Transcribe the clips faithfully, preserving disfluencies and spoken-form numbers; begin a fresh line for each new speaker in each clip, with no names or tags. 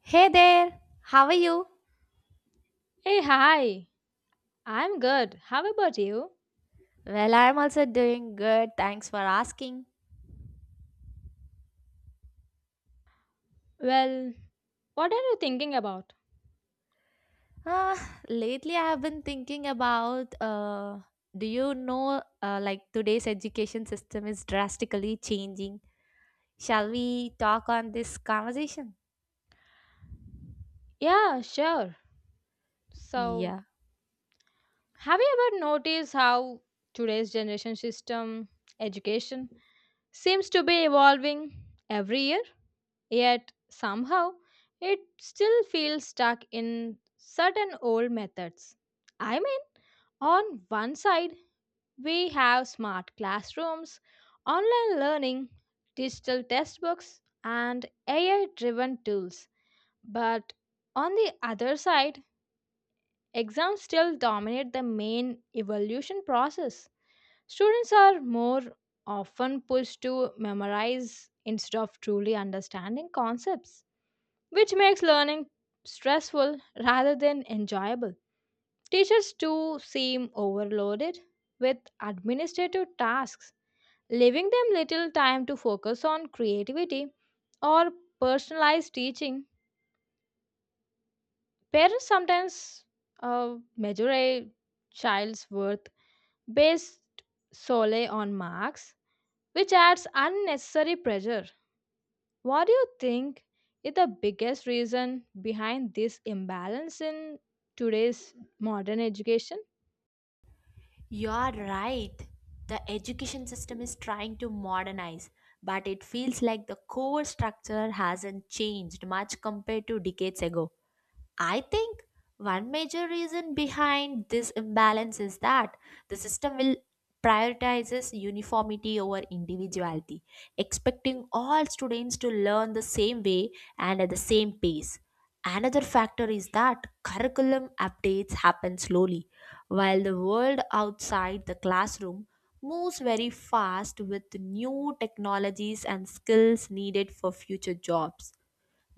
Hey there, how are you?
Hey, hi. I'm good. How about you?
Well, I'm also doing good. Thanks for asking.
Well, what are you thinking about?
Uh, Lately, I have been thinking about uh, do you know, uh, like today's education system is drastically changing. Shall we talk on this conversation?
Yeah, sure. So,
Yeah.
have you ever noticed how today's generation system education seems to be evolving every year? Yet, somehow, it still feels stuck in certain old methods. I mean, on one side, we have smart classrooms, online learning, digital textbooks, and A I driven tools. But on the other side, exams still dominate the main evaluation process. Students are more often pushed to memorize instead of truly understanding concepts, which makes learning stressful rather than enjoyable. Teachers too seem overloaded with administrative tasks, leaving them little time to focus on creativity or personalized teaching. Parents sometimes uh, measure a child's worth based solely on marks, which adds unnecessary pressure. What do you think is the biggest reason behind this imbalance in today's modern education?
You're right. The education system is trying to modernize, but it feels like the core structure hasn't changed much compared to decades ago. I think one major reason behind this imbalance is that the system will prioritizes uniformity over individuality, expecting all students to learn the same way and at the same pace. Another factor is that curriculum updates happen slowly while the world outside the classroom moves very fast with new technologies and skills needed for future jobs.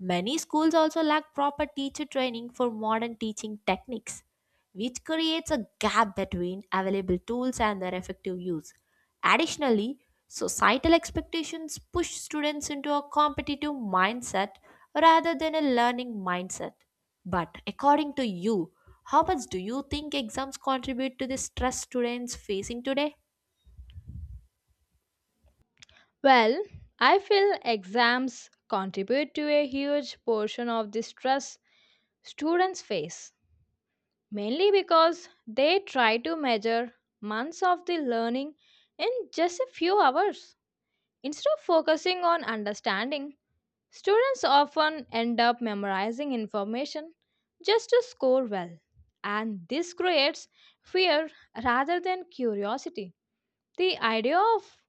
Many schools also lack proper teacher training for modern teaching techniques, which creates a gap between available tools and their effective use. Additionally, societal expectations push students into a competitive mindset rather than a learning mindset. But according to you, how much do you think exams contribute to the stress students facing today?
Well, I feel exams contribute to a huge portion of the stress students face, mainly because they try to measure months of the learning in just a few hours. Instead of focusing on understanding, students often end up memorizing information just to score well, and this creates fear rather than curiosity. The idea of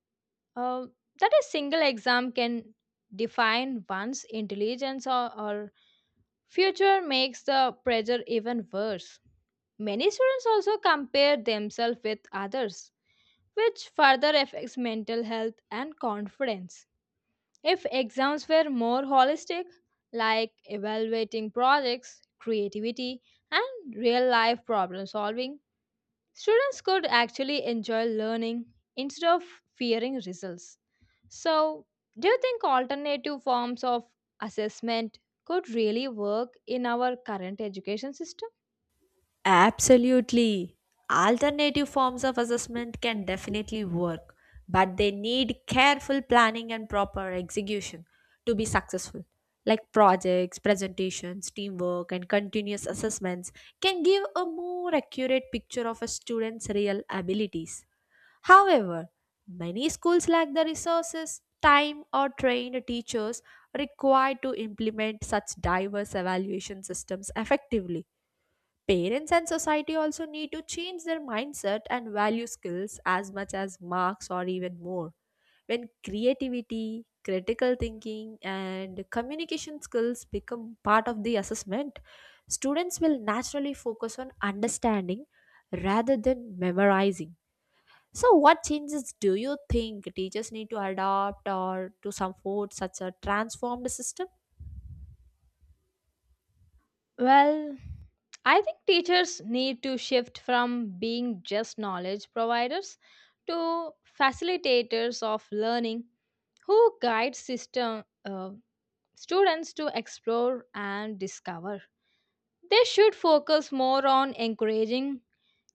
uh, that a single exam can define one's intelligence or, or future makes the pressure even worse. Many students also compare themselves with others, which further affects mental health and confidence. If exams were more holistic, like evaluating projects, creativity, and real life problem solving, students could actually enjoy learning instead of fearing results. So, do you think alternative forms of assessment could really work in our current education system?
Absolutely. Alternative forms of assessment can definitely work, but they need careful planning and proper execution to be successful. Like projects, presentations, teamwork, and continuous assessments can give a more accurate picture of a student's real abilities. However, many schools lack the resources, time, or trained teachers required to implement such diverse evaluation systems effectively. Parents and society also need to change their mindset and value skills as much as marks or even more. When creativity, critical thinking, and communication skills become part of the assessment, students will naturally focus on understanding rather than memorizing. So, what changes do you think teachers need to adopt or to support such a transformed system?
Well, I think teachers need to shift from being just knowledge providers to facilitators of learning who guide system uh, students to explore and discover. They should focus more on encouraging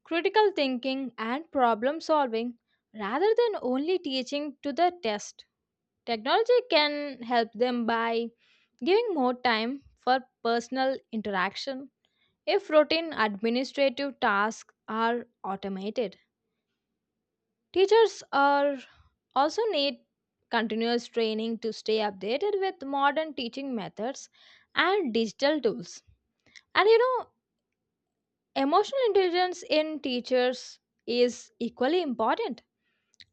critical thinking and problem solving rather than only teaching to the test. Technology can help them by giving more time for personal interaction if routine administrative tasks are automated. Teachers are also need continuous training to stay updated with modern teaching methods and digital tools. And you know, emotional intelligence in teachers is equally important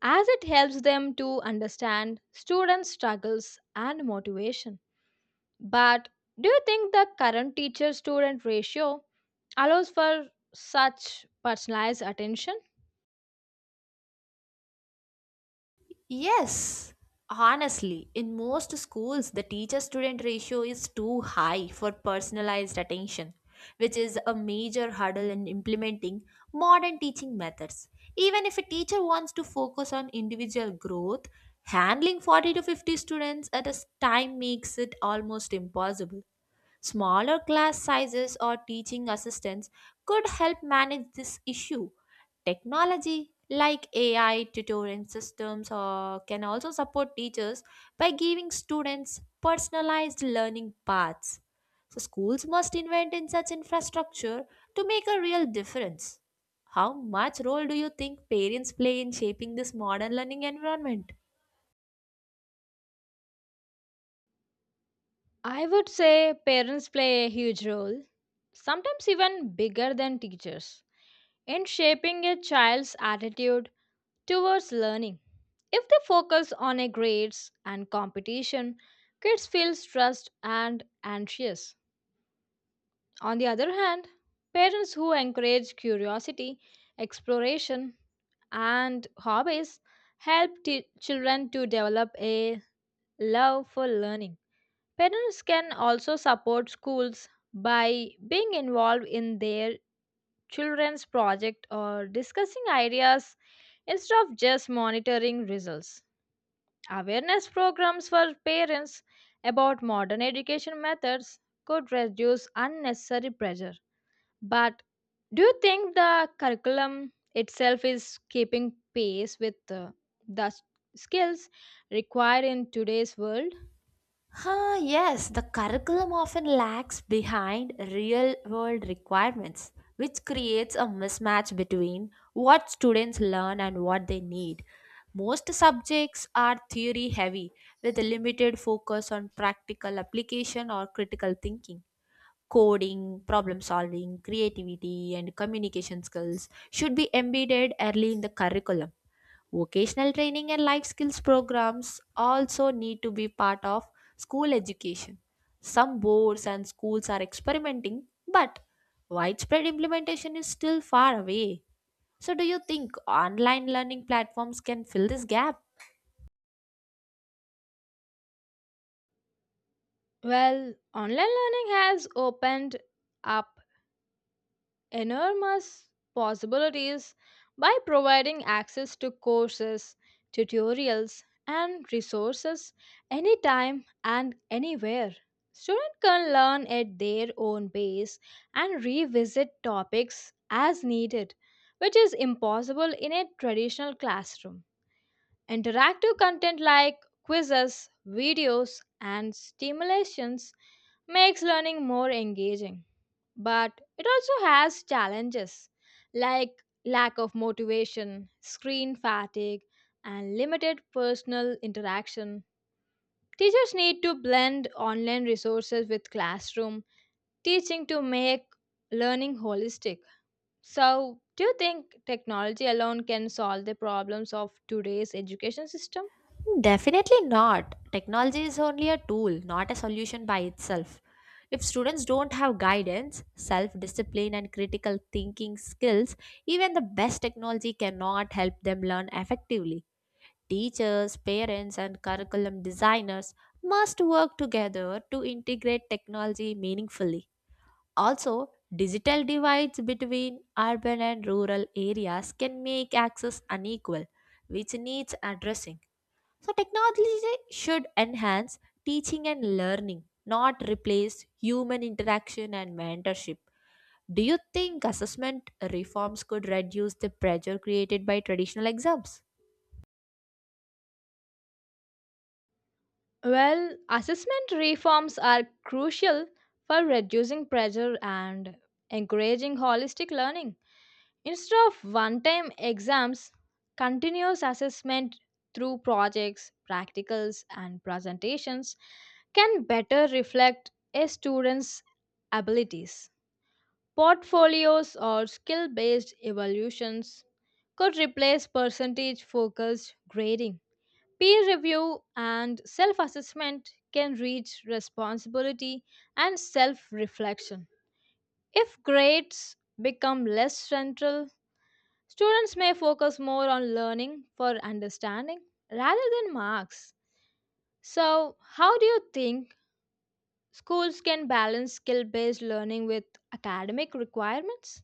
as it helps them to understand students' struggles and motivation. But do you think the current teacher student ratio allows for such personalized attention?
Yes, honestly, in most schools, the teacher student ratio is too high for personalized attention, which is a major hurdle in implementing modern teaching methods. Even if a teacher wants to focus on individual growth, handling forty to fifty students at a s- time makes it almost impossible. Smaller class sizes or teaching assistants could help manage this issue. Technology like A I tutoring systems or can also support teachers by giving students personalized learning paths. So schools must invest in such infrastructure to make a real difference. How much role do you think parents play in shaping this modern learning environment?
I would say parents play a huge role, sometimes even bigger than teachers, in shaping a child's attitude towards learning. If they focus on a grades and competition, kids feel stressed and anxious. On the other hand, parents who encourage curiosity, exploration, and hobbies help t- children to develop a love for learning. Parents can also support schools by being involved in their children's project or discussing ideas instead of just monitoring results. Awareness programs for parents about modern education methods could reduce unnecessary pressure. But do you think the curriculum itself is keeping pace with uh, the s- skills required in today's world?
Huh, yes, the curriculum often lags behind real world requirements, which creates a mismatch between what students learn and what they need. Most subjects are theory heavy, with a limited focus on practical application or critical thinking. Coding, problem solving, creativity, and communication skills should be embedded early in the curriculum. Vocational training and life skills programs also need to be part of school education. Some boards and schools are experimenting, but widespread implementation is still far away. So, do you think online learning platforms can fill this gap?
Well, online learning has opened up enormous possibilities by providing access to courses, tutorials, and resources anytime and anywhere. Students can learn at their own pace and revisit topics as needed, which is impossible in a traditional classroom. Interactive content like quizzes, videos, and stimulations makes learning more engaging. But it also has challenges like lack of motivation, screen fatigue, and limited personal interaction. Teachers need to blend online resources with classroom teaching to make learning holistic. So, do you think technology alone can solve the problems of today's education system?
Definitely not. Technology is only a tool, not a solution by itself. If students don't have guidance, self discipline, and critical thinking skills, even the best technology cannot help them learn effectively. Teachers, parents, and curriculum designers must work together to integrate technology meaningfully. Also, digital divides between urban and rural areas can make access unequal, which needs addressing. So, technology should enhance teaching and learning, not replace human interaction and mentorship. Do you think assessment reforms could reduce the pressure created by traditional exams?
Well, assessment reforms are crucial for reducing pressure and encouraging holistic learning. Instead of one time exams, continuous assessment through projects, practicals, and presentations can better reflect a student's abilities. Portfolios or skill based evaluations could replace percentage focused grading. Peer review and self assessment can reach responsibility and self reflection. If grades become less central, students may focus more on learning for understanding rather than marks. So, how do you think schools can balance skill based learning with academic requirements?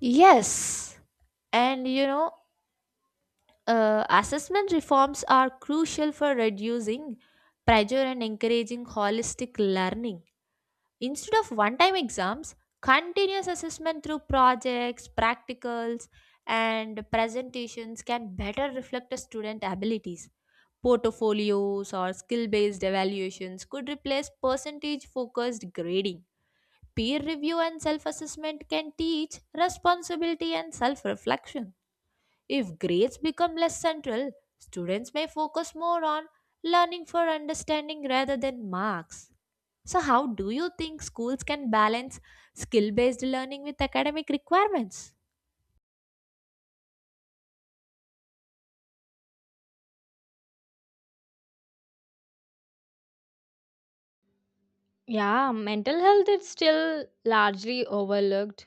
Yes, and you know, uh, assessment reforms are crucial for reducing pressure and encouraging holistic learning. Instead of one time exams, continuous assessment through projects, practicals, and presentations can better reflect a student abilities. Portfolios or skill based evaluations could replace percentage focused grading. Peer review and self assessment can teach responsibility and self reflection if grades become less central, students may focus more on learning for understanding rather than marks. So, how do you think schools can balance skill based learning with academic requirements?
Yeah, mental health is still largely overlooked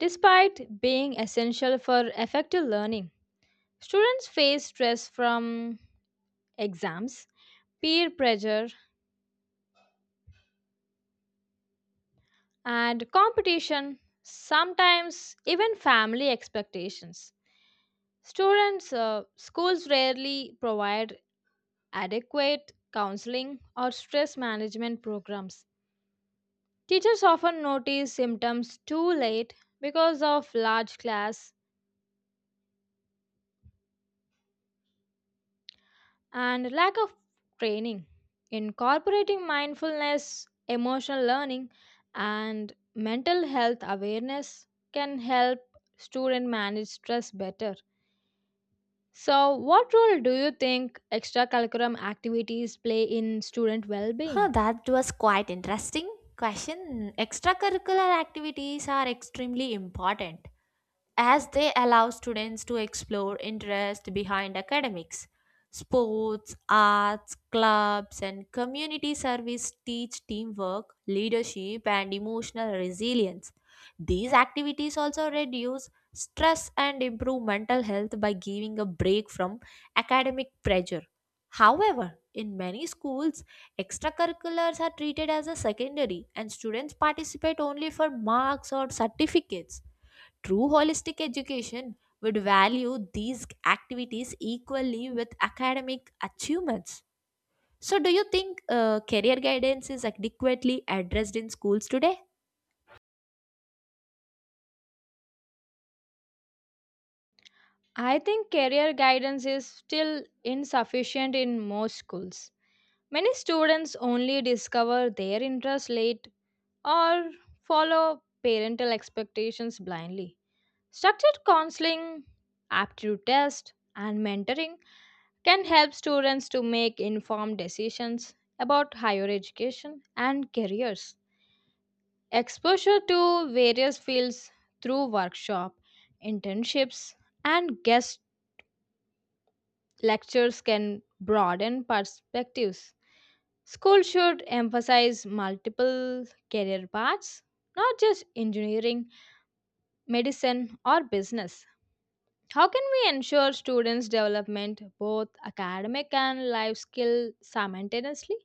despite being essential for effective learning. Students face stress from exams, peer pressure, and competition, sometimes even family expectations. Students, uh, schools rarely provide adequate counseling or stress management programs. Teachers often notice symptoms too late because of large class and lack of training. Incorporating mindfulness, emotional learning, and mental health awareness can help students manage stress better. So, what role do you think extracurricular activities play in student well
Huh,
being?
that was quite interesting question. Extracurricular activities are extremely important as they allow students to explore interest behind academics. Sports, arts, clubs, and community service teach teamwork, leadership, and emotional resilience. These activities also reduce stress and improve mental health by giving a break from academic pressure. However, in many schools, extracurriculars are treated as a secondary, and students participate only for marks or certificates. True holistic education would value these activities equally with academic achievements. So, do you think uh, career guidance is adequately addressed in schools today?
I think career guidance is still insufficient in most schools. Many students only discover their interests late or follow parental expectations blindly. Structured counseling, aptitude tests, and mentoring can help students to make informed decisions about higher education and careers. Exposure to various fields through workshop, internships, and guest lectures can broaden perspectives. School should emphasize multiple career paths, not just engineering, medicine, or business. How can we ensure students' development both academic and life skill simultaneously?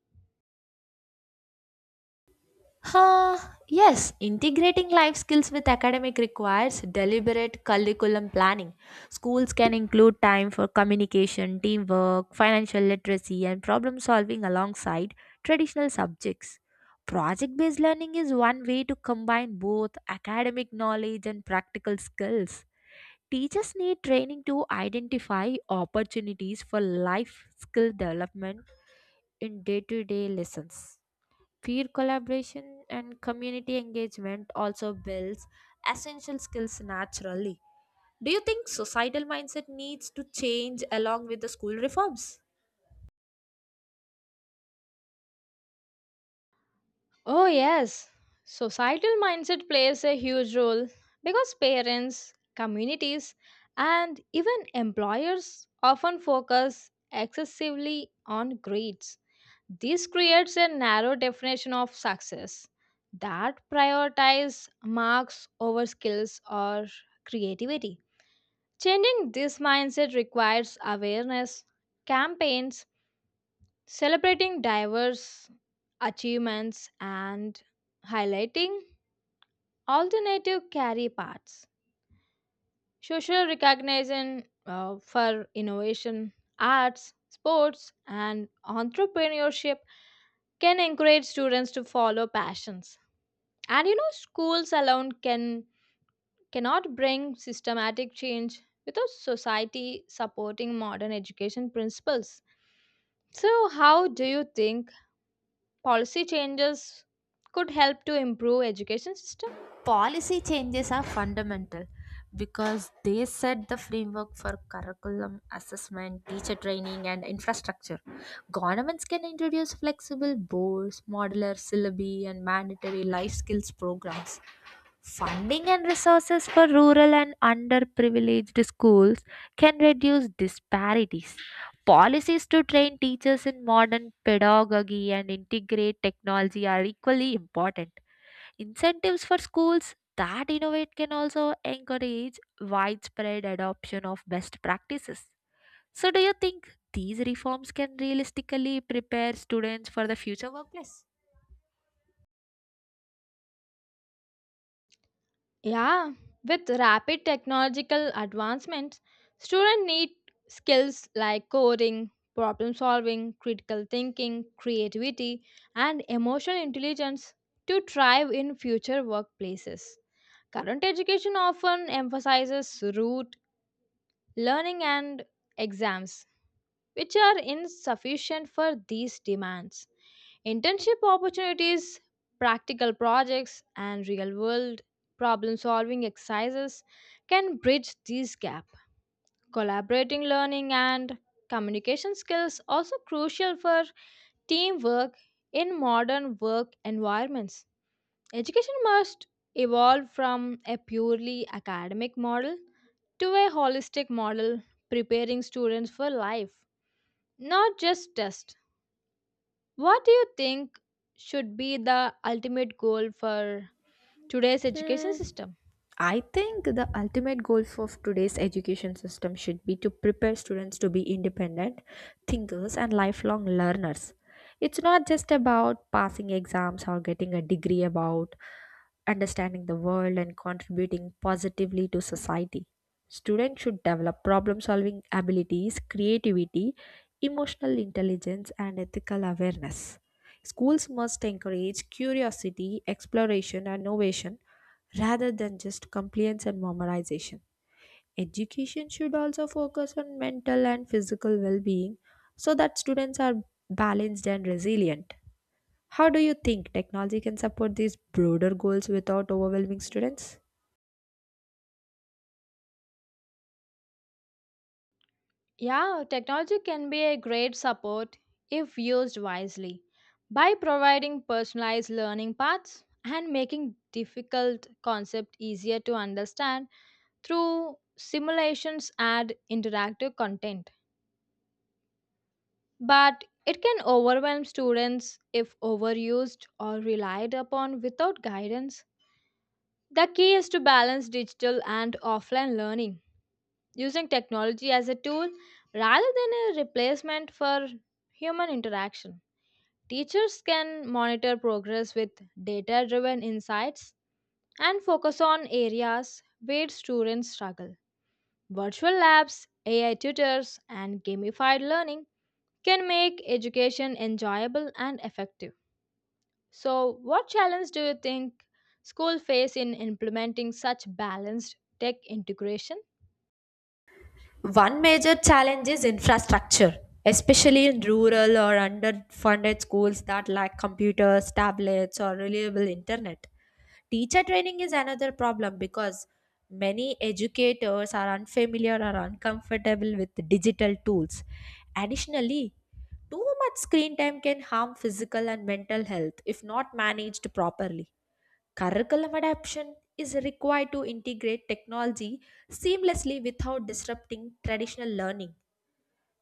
Huh, yes, integrating life skills with academic requires deliberate curriculum planning. Schools can include time for communication, teamwork, financial literacy, and problem solving alongside traditional subjects. Project based learning is one way to combine both academic knowledge and practical skills. Teachers need training to identify opportunities for life skill development in day to day lessons. Peer collaboration and community engagement also builds essential skills naturally. Do you think societal mindset needs to change along with the school reforms?
Oh, yes. Societal mindset plays a huge role because parents, communities, and even employers often focus excessively on grades. This creates a narrow definition of success that prioritizes marks over skills or creativity. Changing this mindset requires awareness, campaigns, celebrating diverse achievements, and highlighting alternative career paths. Social recognition uh, for innovation, arts, sports, and entrepreneurship can encourage students to follow passions. And you know, schools alone can cannot bring systematic change without society supporting modern education principles. So, how do you think policy changes could help to improve education system?
Policy changes are fundamental because they set the framework for curriculum, assessment, teacher training, and infrastructure. Governments can introduce flexible boards, modular syllabi, and mandatory life skills programs. Funding and resources for rural and underprivileged schools can reduce disparities. Policies to train teachers in modern pedagogy and integrate technology are equally important. Incentives for schools that innovate can also encourage widespread adoption of best practices. So, do you think these reforms can realistically prepare students for the future workplace?
Yeah, with rapid technological advancements, students need skills like coding, problem solving, critical thinking, creativity, and emotional intelligence to thrive in future workplaces. Current education often emphasizes rote learning and exams, which are insufficient for these demands. Internship opportunities, practical projects, and real world problem solving exercises can bridge this gap. Collaborating learning and communication skills also crucial for teamwork in modern work environments. Education must evolve from a purely academic model to a holistic model preparing students for life, not just tests. What do you think should be the ultimate goal for today's education
Hmm,
system?
I think the ultimate goal of today's education system should be to prepare students to be independent thinkers and lifelong learners. It's not just about passing exams or getting a degree about understanding the world and contributing positively to society. Students should develop problem solving abilities, creativity, emotional intelligence, and ethical awareness. Schools must encourage curiosity, exploration, and innovation rather than just compliance and memorization. Education should also focus on mental and physical well being so that students are balanced and resilient. How do you think technology can support these broader goals without overwhelming students?
Yeah, technology can be a great support if used wisely by providing personalized learning paths and making difficult concepts easier to understand through simulations and interactive content. But it can overwhelm students if overused or relied upon without guidance. The key is to balance digital and offline learning, using technology as a tool rather than a replacement for human interaction. Teachers can monitor progress with data driven insights and focus on areas where students struggle. Virtual labs, A I tutors, and gamified learning can make education enjoyable and effective. So, what challenge do you think school face in implementing such balanced tech integration?
One major challenge is infrastructure, especially in rural or underfunded schools that lack computers, tablets, or reliable internet. Teacher training is another problem because many educators are unfamiliar or uncomfortable with digital tools. Additionally, too much screen time can harm physical and mental health if not managed properly. Curriculum adaptation is required to integrate technology seamlessly without disrupting traditional learning.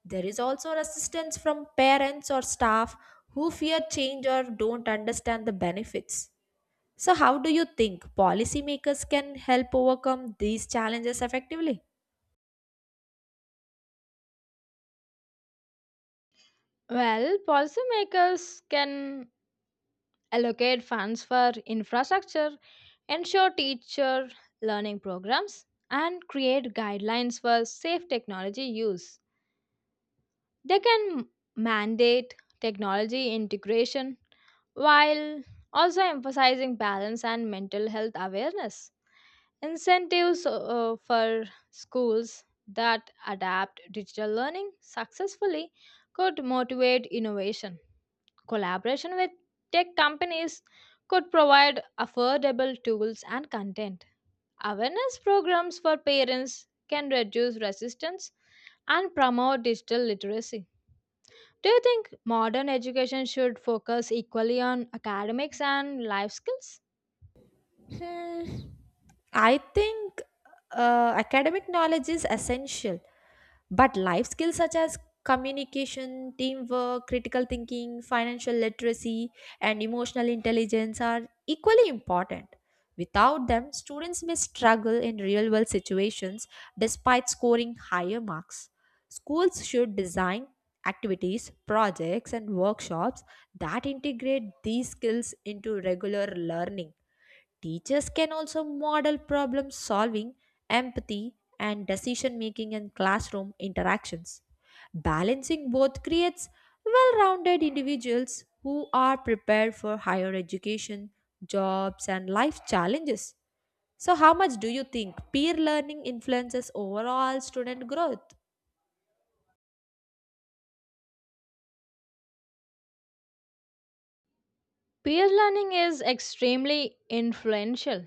There is also resistance from parents or staff who fear change or don't understand the benefits. So, how do you think policymakers can help overcome these challenges effectively?
Well, policymakers can allocate funds for infrastructure, ensure teacher learning programs, and create guidelines for safe technology use. They can mandate technology integration while also emphasizing balance and mental health awareness. Incentives uh, for schools that adapt digital learning successfully could motivate innovation. Collaboration with tech companies could provide affordable tools and content. Awareness programs for parents can reduce resistance and promote digital literacy. Do you think modern education should focus equally on academics and life skills?
Hmm, I think uh, academic knowledge is essential, but life skills such as communication, teamwork, critical thinking, financial literacy, and emotional intelligence are equally important. Without them, students may struggle in real world situations despite scoring higher marks. Schools should design activities, projects, and workshops that integrate these skills into regular learning. Teachers can also model problem solving, empathy, and decision making in classroom interactions. Balancing both creates well rounded individuals who are prepared for higher education, jobs, and life challenges. So, how much do you think peer learning influences overall student growth?
Peer learning is extremely influential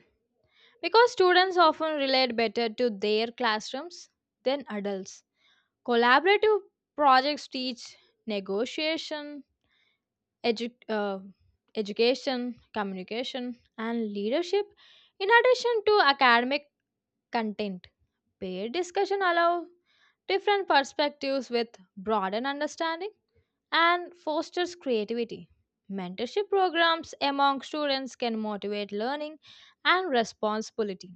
because students often relate better to their classrooms than adults. Collaborative projects teach negotiation, edu- uh, education, communication, and leadership in addition to academic content. Peer discussion allow different perspectives with broaden understanding and fosters creativity. Mentorship programs among students can motivate learning and responsibility.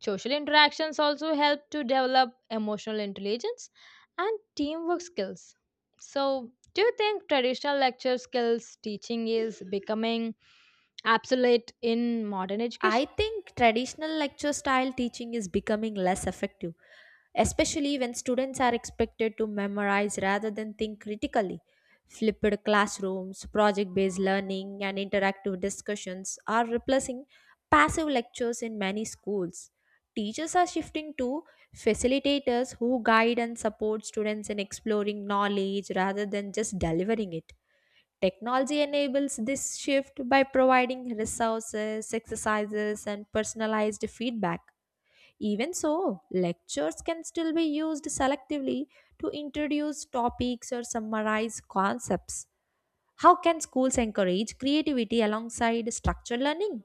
Social interactions also help to develop emotional intelligence and teamwork skills. So, do you think traditional lecture skills teaching is becoming obsolete in modern
I
education?
think traditional lecture style teaching is becoming less effective, especially when students are expected to memorize rather than think critically. Flipped classrooms, project based learning, and interactive discussions are replacing passive lectures in many schools. Teachers are shifting to facilitators who guide and support students in exploring knowledge rather than just delivering it. Technology enables this shift by providing resources, exercises, and personalized feedback. Even so, lectures can still be used selectively to introduce topics or summarize concepts. How can schools encourage creativity alongside structured learning?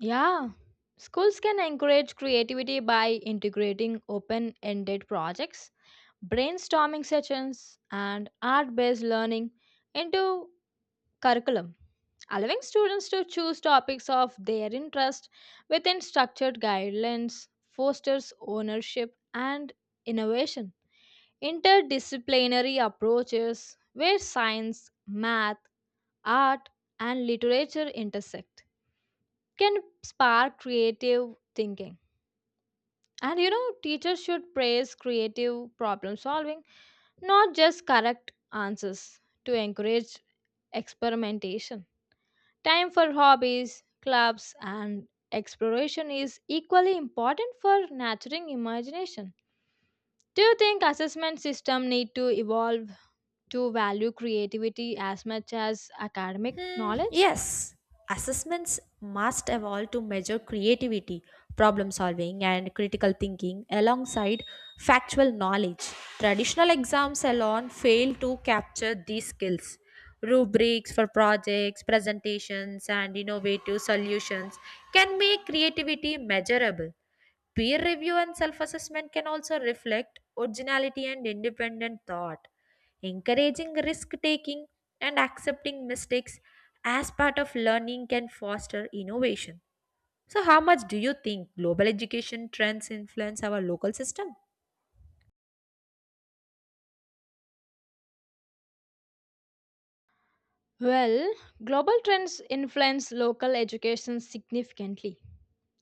Yeah, schools can encourage creativity by integrating open ended projects, brainstorming sessions, and art based learning into curriculum. Allowing students to choose topics of their interest within structured guidelines, fosters ownership and innovation. Interdisciplinary approaches where science, math, art, and literature intersect can spark creative thinking. And you know, teachers should praise creative problem solving, not just correct answers, to encourage experimentation. Time for hobbies, clubs, and exploration is equally important for nurturing imagination. Do you think assessment system need to evolve to value creativity as much as academic
Hmm,
knowledge?
yes, assessments must evolve to measure creativity, problem solving, and critical thinking alongside factual knowledge. Traditional exams alone fail to capture these skills. Rubrics for projects, presentations, and innovative solutions can make creativity measurable. Peer review and self assessment can also reflect originality and independent thought, encouraging risk taking and accepting mistakes as part of learning can foster innovation. So, how much do you think global education trends influence our local system?
Well, global trends influence local education significantly,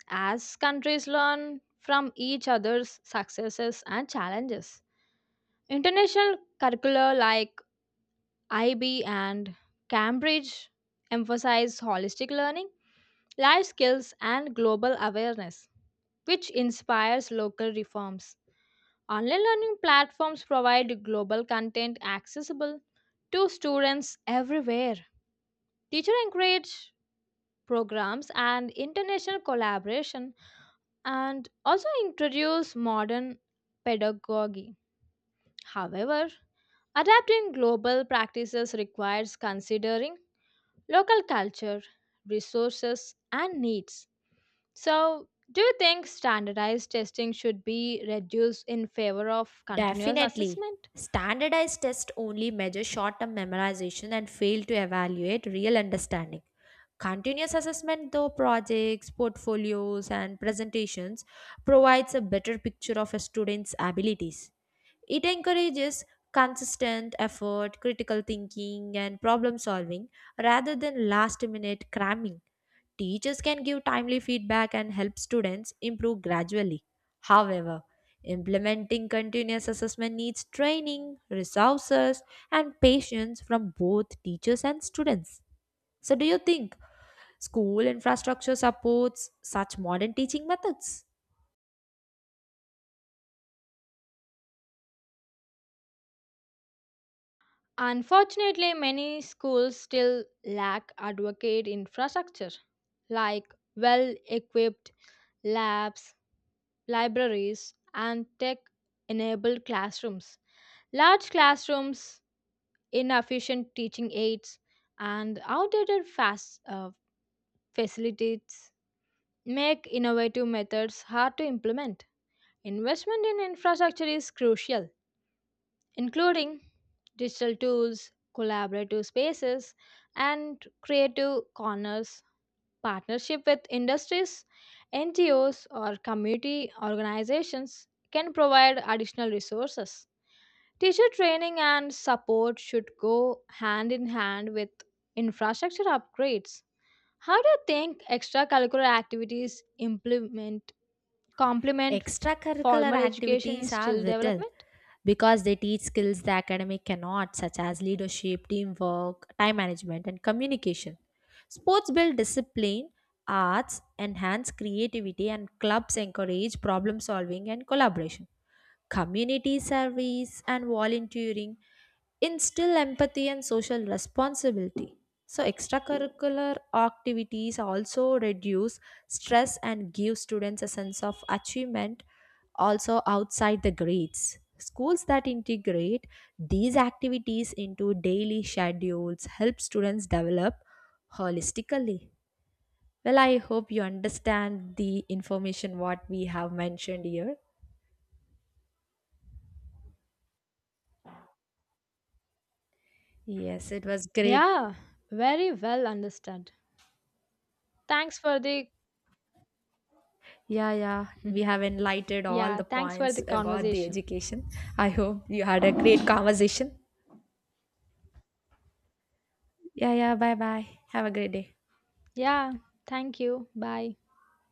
as countries learn from each other's successes and challenges. International curricula like I B and Cambridge emphasize holistic learning, life skills, and global awareness, which inspires local reforms. Online learning platforms provide global content accessible to students everywhere. Teachers encourage programs and international collaboration and also introduce modern pedagogy. However, adapting global practices requires considering local culture, resources, and needs. So, do you think standardized testing should be reduced in favor of continuous
Definitely.
assessment?
Standardized tests only measure short term memorization and fail to evaluate real understanding. Continuous assessment, though projects, portfolios, and presentations, provides a better picture of a student's abilities. It encourages consistent effort, critical thinking, and problem solving rather than last minute cramming. Teachers can give timely feedback and help students improve gradually. However, implementing continuous assessment needs training, resources, and patience from both teachers and students. So, do you think school infrastructure supports such modern teaching methods?
Unfortunately, many schools still lack adequate infrastructure like well equipped labs, libraries, and tech enabled classrooms. Large classrooms, inefficient teaching aids, and outdated fast, uh, facilities make innovative methods hard to implement. Investment in infrastructure is crucial, including digital tools, collaborative spaces, and creative corners. Partnership with industries, N G Os, or community organizations can provide additional resources. Teacher training and support should go hand in hand with infrastructure upgrades. How do you think extracurricular activities implement complement
Extracurricular
formal education in
activities are
skill
vital
development?
because they teach skills the academic cannot, such as leadership, teamwork, time management, and communication. Sports build discipline, arts enhance creativity, and clubs encourage problem solving and collaboration. Community service and volunteering instill empathy and social responsibility. So, extracurricular activities also reduce stress and give students a sense of achievement also outside the grades. Schools that integrate these activities into daily schedules help students develop holistically. Well, I hope you understand the information what we have mentioned here. Yes, it was great.
Yeah, very well understood. Thanks for the
Yeah, yeah, we have enlightened all
yeah,
the
thanks for
points
the
about the
conversation.
education. I hope you had a great conversation. Yeah, yeah, bye bye. Have a great day.
Yeah, thank you. Bye.